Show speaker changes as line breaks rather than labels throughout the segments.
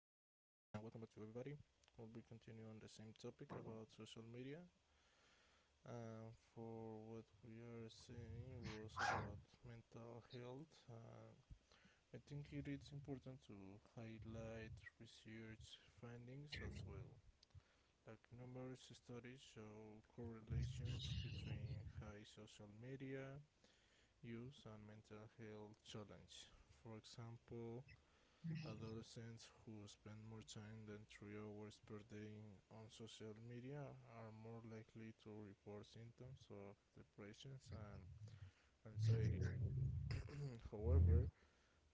welcome back to everybody. We'll be continuing on the same topic about social media. For what we are seeing was about mental health. I think it is important to highlight research findings as well. Like numerous studies show correlations between high social media use and mental health challenge. For example, adolescents who spend more time than 3 hours per day on social media are more likely to report symptoms of depression and anxiety. However,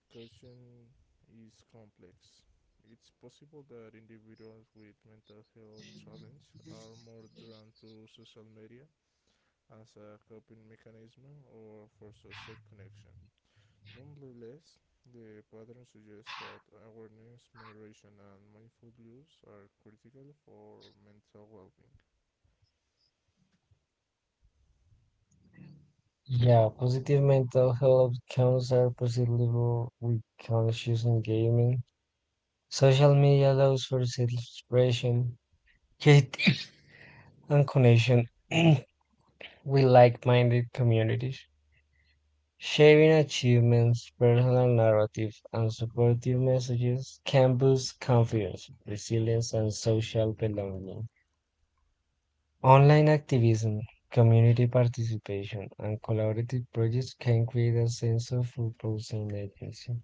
caution is complex. It's possible that individuals with mental health challenges are more drawn to social media as a coping mechanism or for social connection. Nonetheless, the pattern suggests that awareness, moderation, and mindful use are critical for mental well being.
Yeah, positive mental health outcomes are possible with conscious engagement. Social media allows for self-expression, yet and connection with like-minded communities. Sharing achievements, personal narratives, and supportive messages can boost confidence, resilience, and social belonging. Online activism, community participation, and collaborative projects can create a sense of purpose and agency.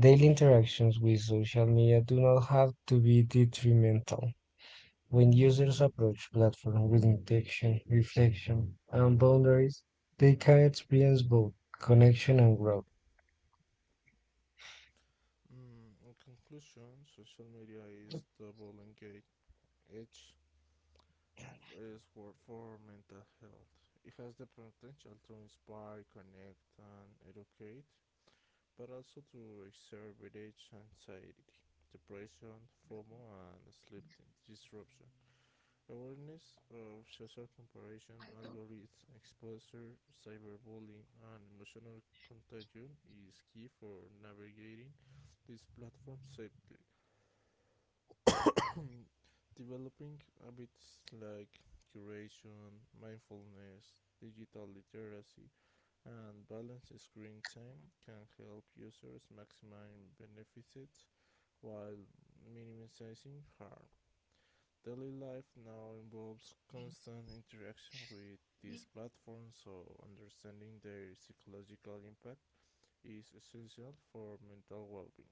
Daily interactions with social media do not have to be detrimental. When users approach platforms with intention, reflection, and boundaries, they can experience both connection and growth.
In conclusion, social media is double edged sword for mental health. It has the potential to inspire, connect, and educate, but also to exacerbate anxiety, depression, FOMO, and sleep disruption. Awareness of social comparison algorithms, exposure, cyberbullying, and emotional contagion is key for navigating this platform safely. Developing habits like curation, mindfulness, digital literacy, and balanced screen time can help users maximize benefits while minimizing harm. Daily life now involves constant interaction with these platforms, so understanding their psychological impact is essential for mental well being.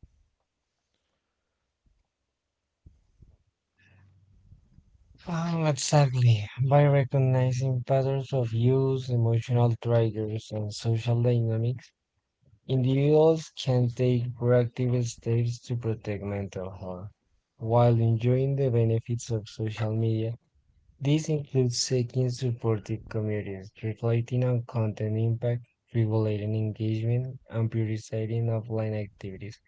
Exactly. By recognizing patterns of use, emotional triggers, and social dynamics, individuals can take proactive steps to protect mental health while enjoying the benefits of social media. These include seeking supportive communities, reflecting on content impact, regulating engagement, and prioritizing offline activities.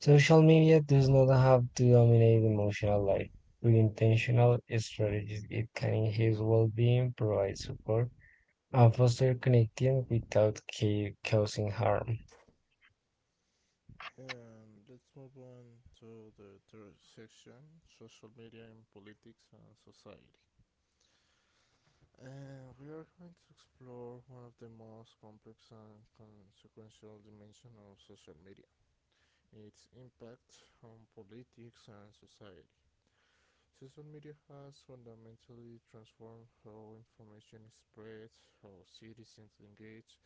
Social media does not have to dominate emotional life. With intentional strategies, it can enhance well-being, provide support, and foster connection without causing harm.
And let's move on to the third section social media in politics and society. And we are going to explore one of the most complex and consequential dimensions of social media its impact on politics and society. Social media has fundamentally transformed how information is spread, how citizens engage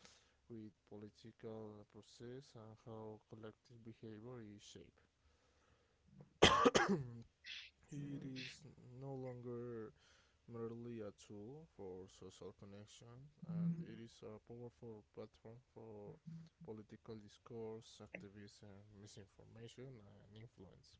with political process, and how collective behavior is shaped. It is no longer merely a tool for social connection, and it is a powerful platform for political discourse, activism, misinformation, and influence.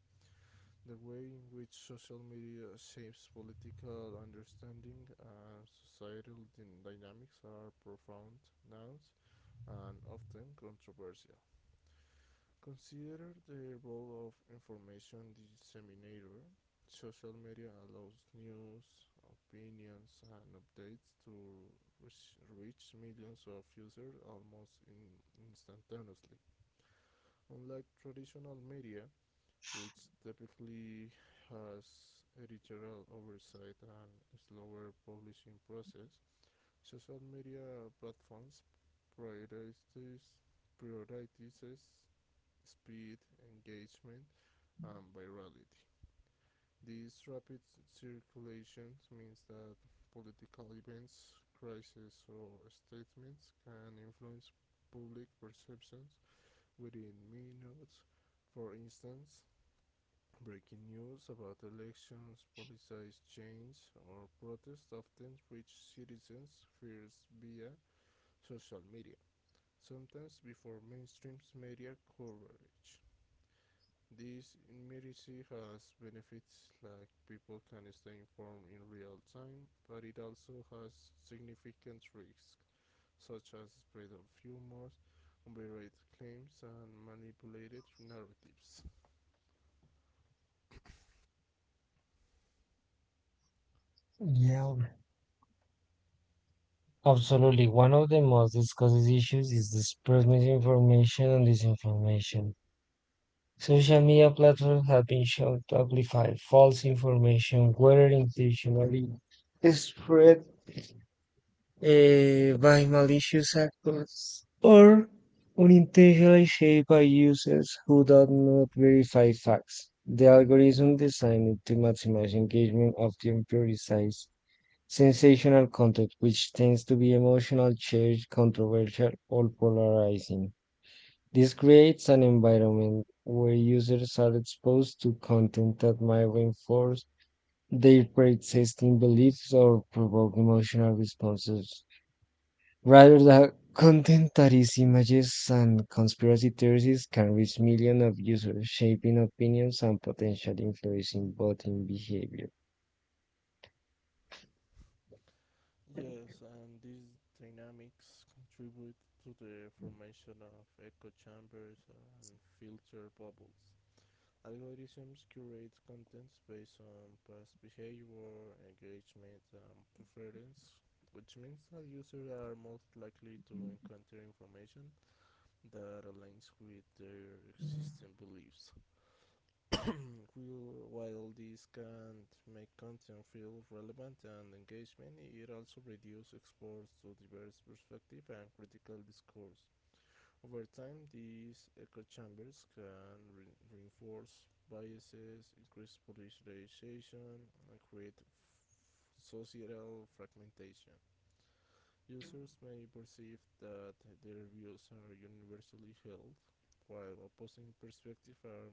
The way in which social media shapes political understanding and societal dynamics are profound, nuanced, and often controversial. Consider the role of information disseminator. Social media allows news, opinions, and updates to reach millions of users almost instantaneously. Unlike traditional media, which typically has editorial oversight and a slower publishing process, social media platforms prioritize prioritizes speed, engagement, and virality. This rapid circulation means that political events, crises, or statements can influence public perceptions within minutes. For instance, breaking news about elections, politicized change, or protests often reach citizens first via social media, sometimes before mainstream media coverage. This immediacy has benefits like people can stay informed in real time, but it also has significant risks, such as spread of rumors, unverified claims, and manipulated narratives.
Yeah, absolutely. One of the most discussed issues is the spread misinformation and disinformation. Social media platforms have been shown to amplify false information, whether intentionally spread by malicious actors or unintentionally shared by users who do not verify facts. The algorithm designed to maximize engagement often prioritizes sensational content, which tends to be emotional, charged, controversial, or polarizing. This creates an environment where users are exposed to content that might reinforce their pre-existing beliefs or provoke emotional responses, rather than content that is images and conspiracy theories can reach millions of users, shaping opinions and potentially influencing voting behavior.
Yes, and these dynamics contribute to the formation of echo chambers and filter bubbles. Algorithms curate contents based on past behavior, engagement, and preference, which means that users are most likely to encounter information that aligns with their existing beliefs. While this can make content feel relevant and engaging, it also reduces exposure to diverse perspectives and critical discourse. Over time, these echo chambers can reinforce biases, increase polarization, and create societal fragmentation. Users may perceive that their views are universally held, while opposing perspectives are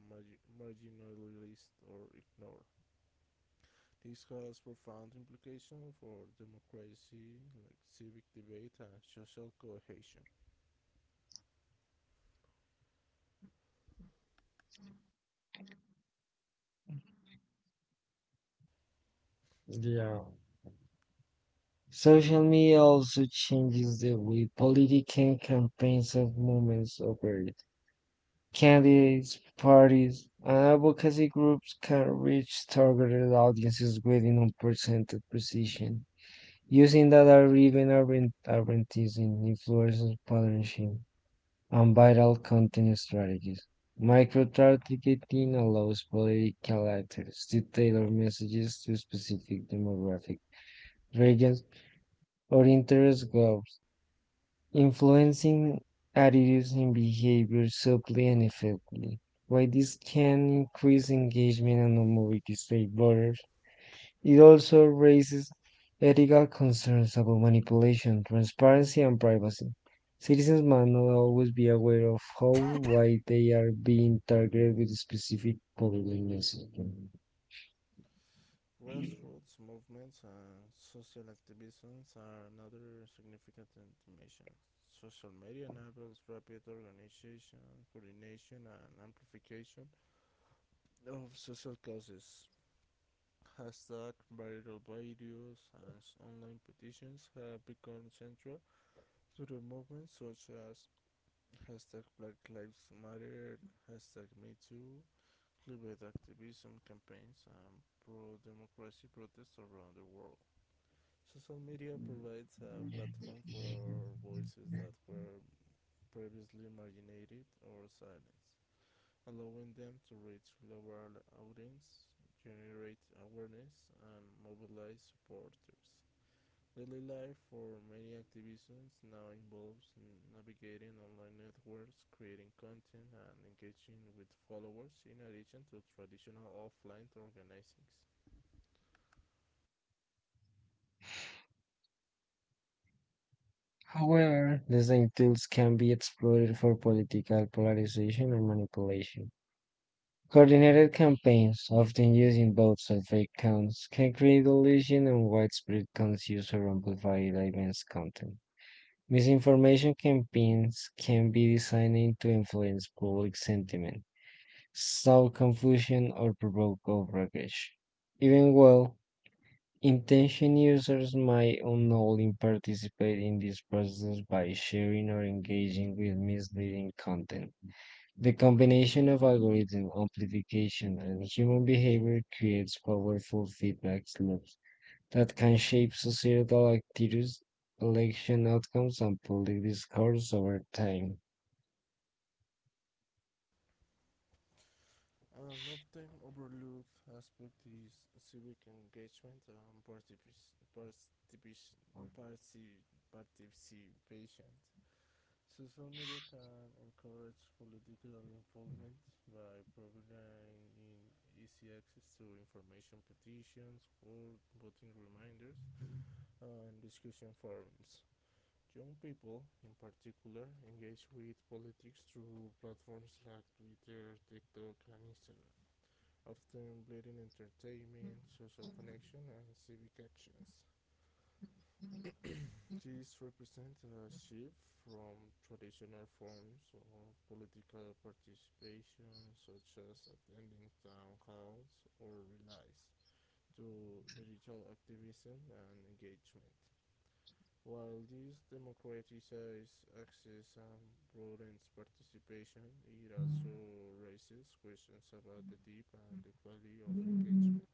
marginalized or ignored. This has profound implications for democracy, like civic debate and social cohesion.
Yeah. Social media also changes the way political campaigns and movements operate. Candidates, parties, and advocacy groups can reach targeted audiences with an unprecedented precision, using data driven advertising, influencer partnership, and viral content strategies. Micro targeting allows political actors to tailor messages to specific demographic regions or interest groups, influencing attitudes and behavior subtly and effectively. While this can increase engagement and mobility state voters, it also raises ethical concerns about manipulation, transparency, and privacy. Citizens must not always be aware of how why they are being targeted with a specific political messaging.
Grassroots movements and social activisms are another significant dimension. Social media enables rapid organization, coordination, and amplification of social causes. Hashtag viral videos and online petitions have become central to the movement, such as hashtag Black Lives Matter, hashtag Me Too, climate activism campaigns, and pro-democracy protests around the world. Social media provides a platform for voices that were previously marginated or silenced, allowing them to reach global audiences, generate awareness, and mobilize supporters. Daily life for many activists now involves navigating online networks, creating content, and engaging with followers in addition to traditional offline organizings.
However, the same tools can be exploited for political polarization and manipulation. Coordinated campaigns, often using both survey counts, can create illusion and widespread conscious or amplified events content. Misinformation campaigns can be designed to influence public sentiment, sow confusion, or provoke outrage. Even well intentioned users might unknowingly participate in this process by sharing or engaging with misleading content. The combination of algorithm amplification and human behavior creates powerful feedback loops that can shape societal activities, election outcomes, and public discourse over time.
An often overlooked aspect is civic engagement and particip- participation. Social media can encourage political involvement by providing easy access to information, petitions, or voting reminders, and discussion forums. Young people, in particular, engage with politics through platforms like Twitter, TikTok, and Instagram, often blending entertainment, social connection, and civic actions. These represent a shift from traditional forms of political participation, such as attending town halls or rallies, to digital activism and engagement. While this democratizes access and broadens participation, it also raises questions about the deep and the quality of engagement,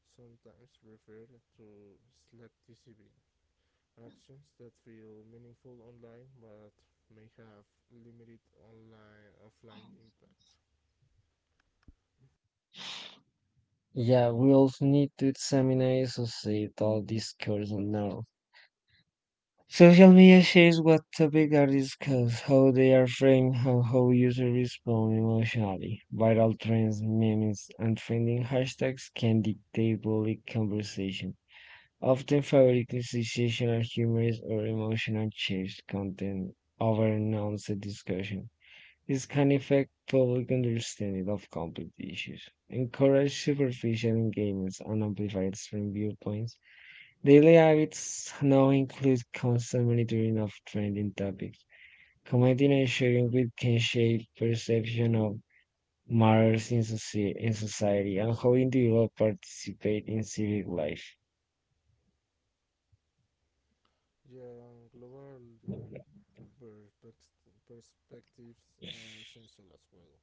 sometimes referred to "slacktivism," actions that feel meaningful online but may have limited online offline impact.
Yeah, we also need to examine societal discourse on now. Social media shapes what topics are discussed, how they are framed, and how users respond emotionally. Viral trends, memes, and trending hashtags can dictate public conversation, often fabrically sensational, humorous, or emotional chased content over nuanced discussion. This can affect public understanding of complex issues, encourage superficial engagements, and amplify extreme viewpoints. Daily habits now include constant monitoring of trending topics, commenting and sharing, which can shape perception of matters in in society and how individuals participate in civic life.
Yeah, global perspectives are essential as well.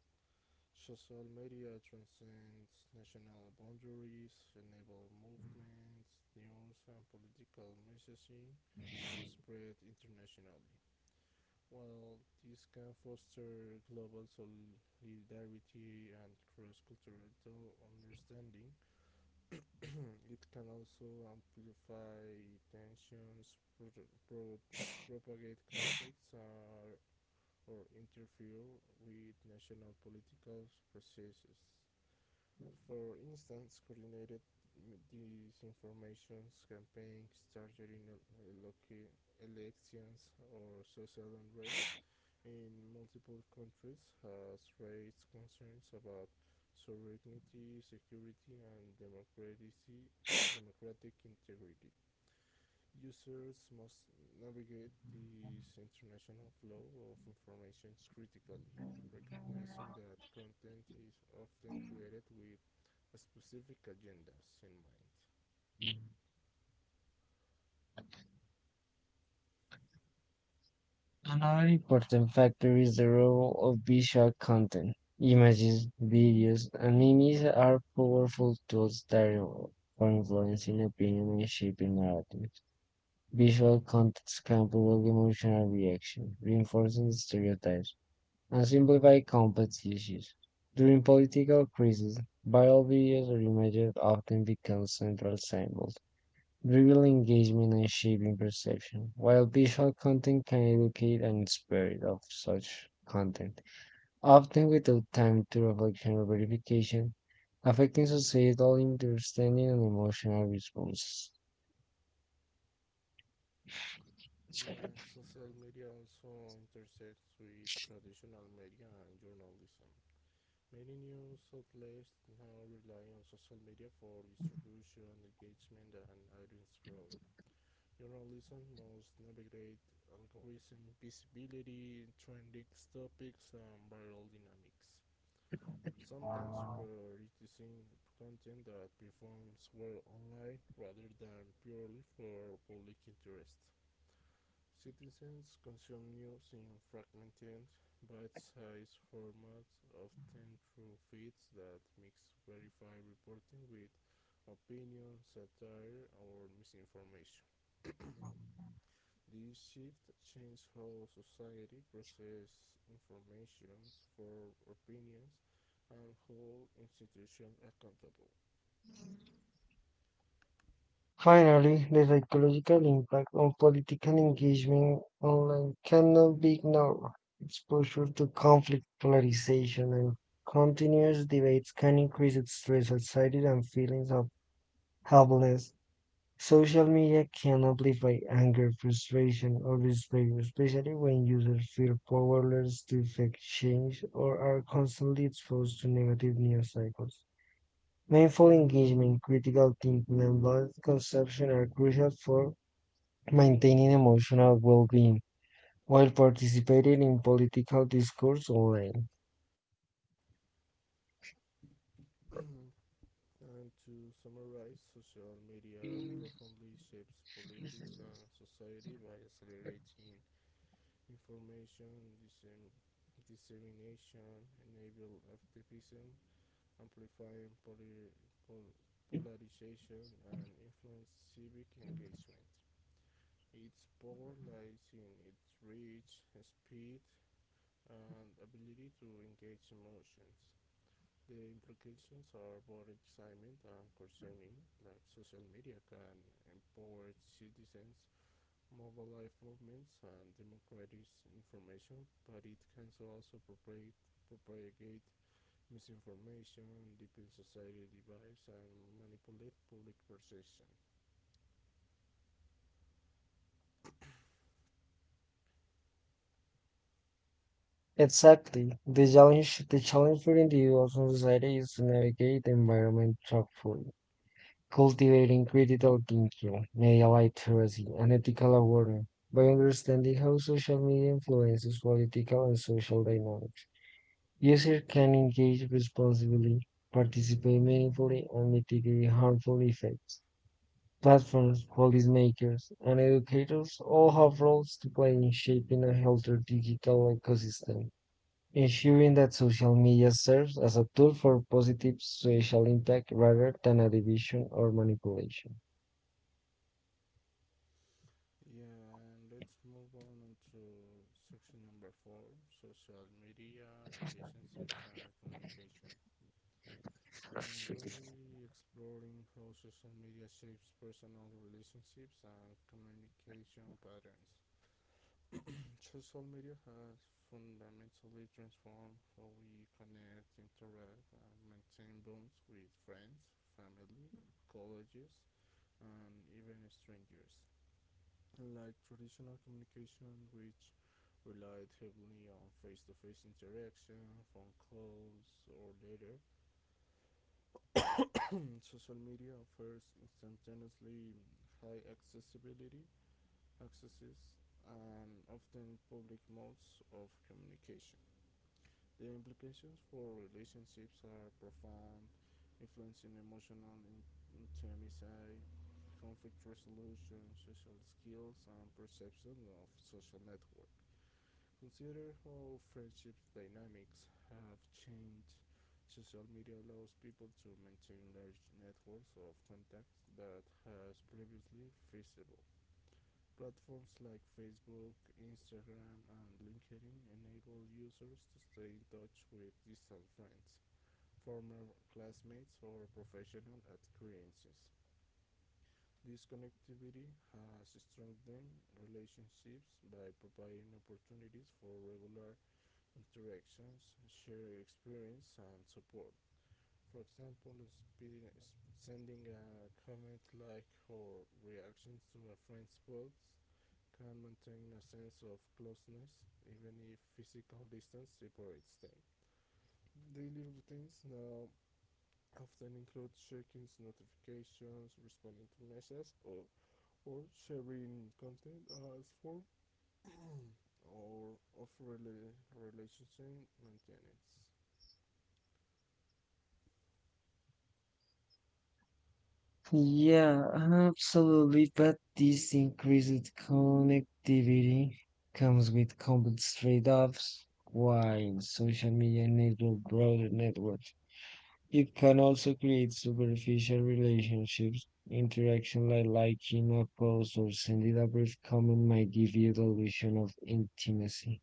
Social media transcends national boundaries, enable movements, news, and political messaging to spread internationally. While this can foster global solidarity and cross cultural understanding, it can also amplify tensions, pro- propagate conflicts, or interfere with national political processes. For instance, coordinated disinformation campaigns targeting local elections or social unrest in multiple countries has raised concerns about sovereignty, security, and democratic integrity. Users must navigate this international flow of information critically, recognizing that content is often created with specific agendas in mind.
Another important factor is the role of visual content. Images, videos, and memes are powerful tools for influencing opinion and shaping narratives. Visual context can provoke emotional reaction, reinforcing stereotypes, and simplify complex issues. During political crises, viral videos or images often become central symbols. Real engagement and shaping perception, while visual content can educate and inspire it of such content, often without time to reflection or verification, affecting societal understanding and emotional responses.
Yeah, and social media also intersects with traditional media and journalism. Many news outlets now rely on social media for distribution, engagement, and audience growth. Journalism must navigate algorithm, visibility, trending topics, and viral dynamics. Sometimes prioritizing content that performs well online rather than purely for public interest. Citizens consume news in fragmented, bite-sized formats, often through feeds that mix verified reporting with opinion, satire, or misinformation. This shift changed how society processes information for opinions and hold institutions accountable.
Finally, the psychological impact on political engagement online cannot be ignored. Exposure to conflict, polarization, and continuous debates can increase its stress, anxiety, and feelings of helplessness. Social media can amplify anger, frustration, or despair, especially when users feel powerless to effect change or are constantly exposed to negative news cycles. Mindful engagement, critical thinking, and balanced consumption are crucial for maintaining emotional well being while participating in political discourse online.
And to summarize, social media profoundly shapes politics and society by accelerating information dissem- dissemination, enabling activism, amplifying pol- polarization, and influence civic engagement. Its power lies in its reach, speed, and ability to engage emotions. The implications are more exciting and concerning, like social media can empower citizens, mobilize movements, and democratize information, but it can so also propagate misinformation, deepen society divides, and manipulate public perception.
Exactly. The challenge for individuals and society is to navigate the environment thoughtfully, cultivating critical thinking may ally literacy and ethical awareness. By understanding how social media influences political and social dynamics, users can engage responsibly, participate meaningfully, and mitigate harmful effects. Platforms, policymakers, and educators all have roles to play in shaping a healthier digital ecosystem, ensuring that social media serves as a tool for positive social impact rather than a division or manipulation.
Yeah, and let's move on to section number four social media, relationships, and communication. And we'll be exploring how social media shapes personal relationships and communication patterns. Social media has fundamentally transformed how we connect, interact, and maintain bonds with friends, family, colleagues, and even strangers. Unlike traditional communication, which relied heavily on face to face interaction, phone calls, or letters, and social media offers instantaneously high accesses, and often public modes of communication. The implications for relationships are profound, influencing emotional intimacy, conflict resolution, social skills, and perception of social networks. Consider how friendship dynamics have changed. Social media allows people to maintain large networks of contacts that has previously feasible. Platforms like Facebook, Instagram, and LinkedIn enable users to stay in touch with distant friends, former classmates, or professional acquaintances. This connectivity has strengthened relationships by providing opportunities for regular interactions, share experience, and support. For example, sending a comment, like, or reactions to a friend's post can maintain a sense of closeness even if physical distance separates them. Daily routines now often include checking notifications, responding to messages, or sharing content as form or of relationship maintenance.
Yeah, absolutely. But this increased connectivity comes with complex trade-offs. While social media enables broader networks, it can also create superficial relationships. Interaction like liking a post or sending a brief comment might give you the illusion of intimacy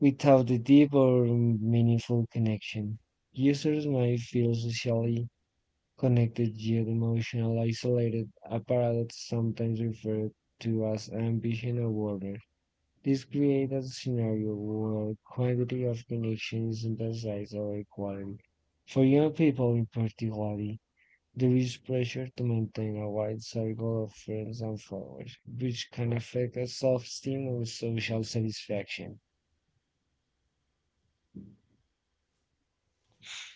without the deep or meaningful connection. Users might feel socially connected yet emotionally isolated, a paradox sometimes referred to as ambition overload. This creates a scenario where quantity of connection is emphasized over quality. For young people in particular, there is pressure to maintain a wide circle of friends and followers, which can affect self-esteem or social satisfaction.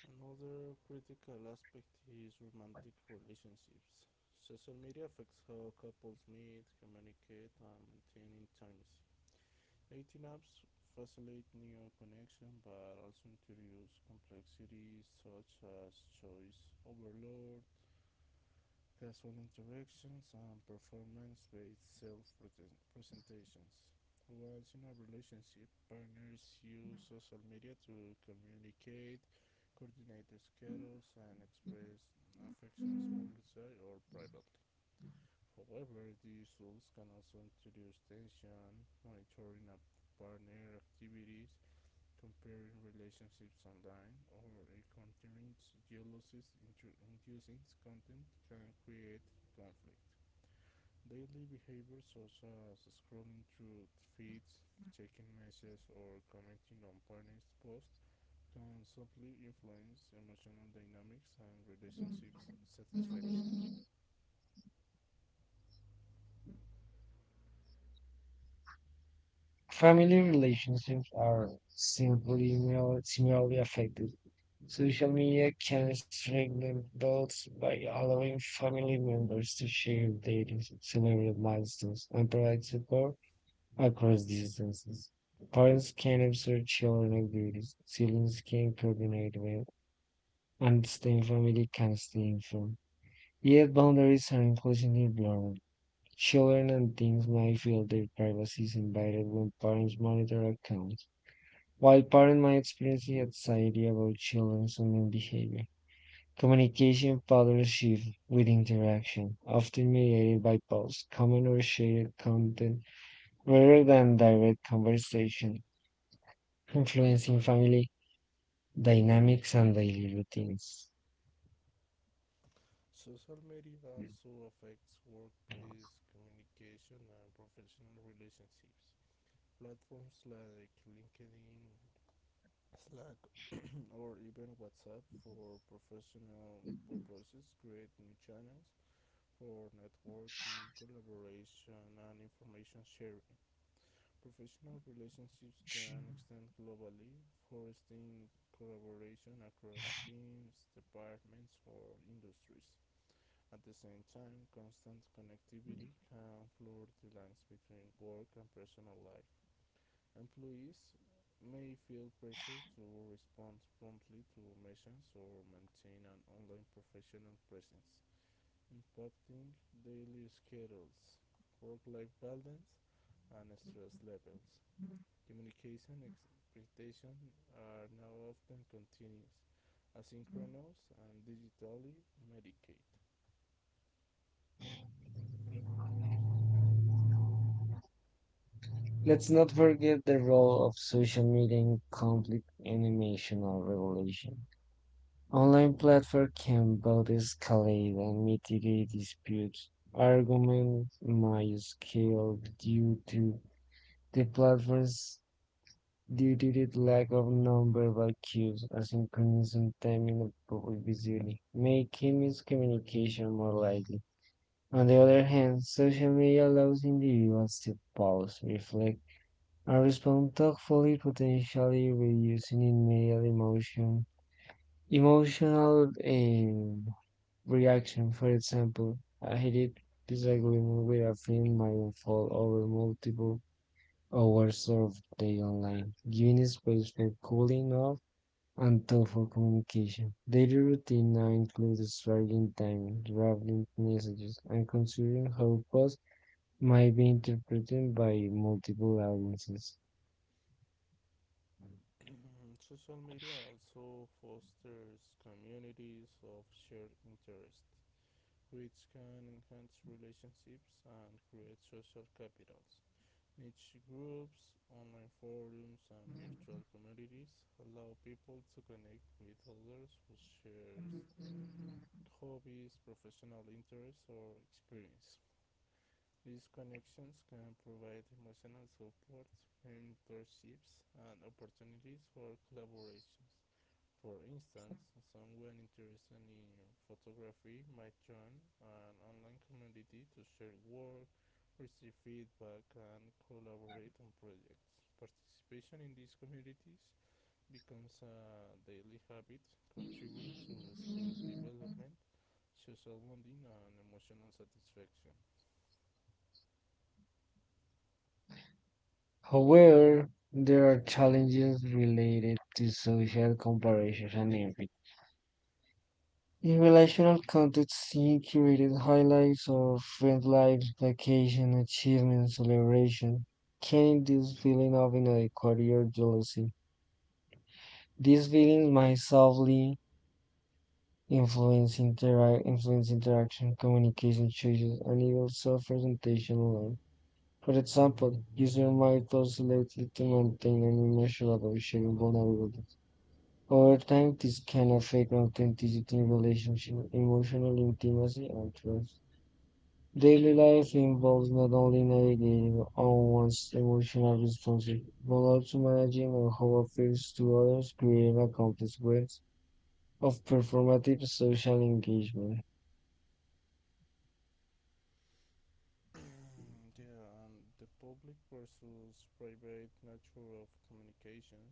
Another critical aspect is romantic relationships. Social media affects how couples meet, communicate, and maintain intimacy. Dating apps facilitate new connection but also introduce complexities such as choice overload, casual interactions, and performance-based self-presentations. Once in a relationship, partners use social media to communicate, coordinate schedules, and express affections publicly or privately. However, these tools can also introduce tension, monitoring a partner activities, comparing relationships online or encountering jealousy inducing content can create conflict. Daily behaviors such as scrolling through feeds posts can subtly influence emotional dynamics and relationships satisfaction.
Family relationships are simply similarly affected. Social media can strengthen bonds by allowing family members to share their celebrate milestones and provide support across distances. Parents can observe children activities, siblings can coordinate well, and extended family can stay informed. Yet boundaries are increasingly blurred. Children and teens might feel their privacy is invaded when parents monitor accounts, while parents might experience anxiety about children's online behavior. Communication patterns shift with interaction, often mediated by posts, comments, or shared content rather than direct conversation, influencing family dynamics and daily routines.
Social media also affects workplace communication and professional relationships. Platforms like LinkedIn, Slack or even WhatsApp for professional purposes, create new channels for networking, collaboration, and information sharing. Professional relationships can extend globally, fostering collaboration across teams, departments, or industries. At the same time, constant connectivity can blur the lines between work and personal life. Employees may feel pressure to respond promptly to missions or maintain an online professional presence, impacting daily schedules, work-life balance, and stress levels. Communication expectations are now often continuous, asynchronous, and digitally mediated.
Let's not forget the role of social media in conflict and emotional regulation. Online platforms can both escalate and mitigate disputes. Arguments might scale due to the platform's due to the lack of nonverbal cues, asynchronous sometimes inappropriate visually, making miscommunication more likely. On the other hand, social media allows individuals to pause, reflect, and respond thoughtfully, potentially reducing immediate emotion, emotional reaction. For example, a heated disagreement with a friend might unfold over multiple hours of day online, giving space for cooling off and thoughtful communication. Daily routine now includes striking time, drafting messages, and considering how posts might be interpreted by multiple audiences.
social media also fosters communities of shared interest, which can enhance relationships and create social capitals. Niche groups, online forums, and virtual communities allow people to connect with others who share hobbies, professional interests, or experience. These connections can provide emotional support, mentorships, and opportunities for collaborations. For instance, someone interested in photography might join an online community to share work, receive feedback, and collaborate on projects. Participation in these communities becomes a daily habit, contributing to skill development, social bonding, and emotional satisfaction.
However, there are challenges related to social comparisons and envy. In relational context, seeing curated highlights of friends' lives, vacation, achievements, celebration can induce feeling of inadequacy or jealousy. These feelings might subtly influence, influence interaction, communication choices, and even self-presentation alone. For example, users might post selected to maintain an immeasurable sharing vulnerability. Over time, this can affect authenticity in relationship, emotional intimacy, and trust. Daily life involves not only navigating on one's emotional responses, but also managing on how appears to others, creating a complex web of performative social engagement.
Yeah, and the public versus private nature of communications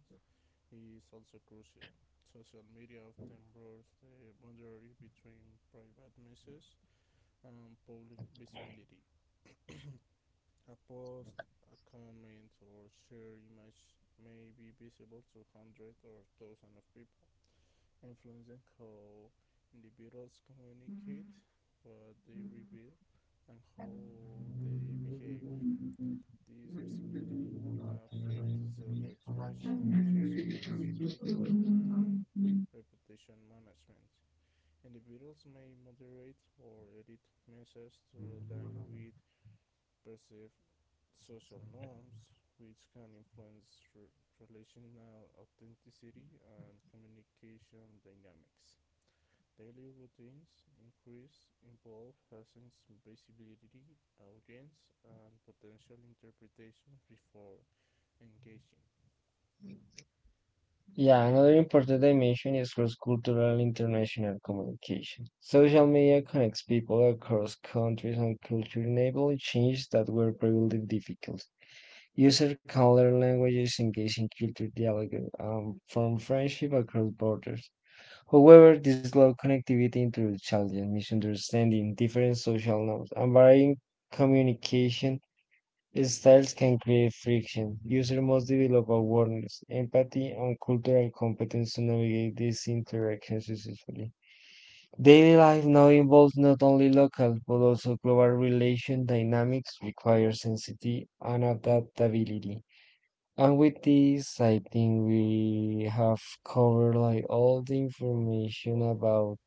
is also crucial. Social media often blurs the boundary between private messages and public visibility. A post, a comment, or share image may be visible to hundreds or thousands of people, influencing how individuals communicate, what they reveal, and how they behave. This visibility affects self-expression, social risk-taking, and reputation management. Individuals may moderate or edit measures to align with perceived social norms, which can influence relational authenticity and communication dynamics. Daily routines increase involve Hassan's visibility, audience, and potential interpretation before engaging.
Yeah, another important dimension is cross-cultural international communication. Social media connects people across countries and cultures, enabling changes that were previously difficult. Users can learn languages, engage in culture dialogue, and form friendship across borders. However, this low connectivity introduces challenges, misunderstanding, different social norms, and varying communication styles can create friction. Users must develop awareness, empathy, and cultural competence to navigate these interactions successfully. Daily life now involves not only local but also global relation dynamics, require sensitivity and adaptability. And with this, I think we have covered like all the information about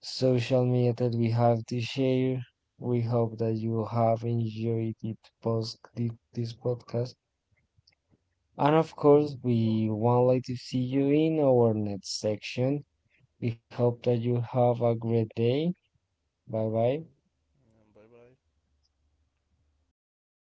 social media that we have to share. We hope that you have enjoyed it post this podcast. And of course, we would like to see you in our next section. We hope that you have a great day. Bye bye.
Mm-hmm. And bye bye.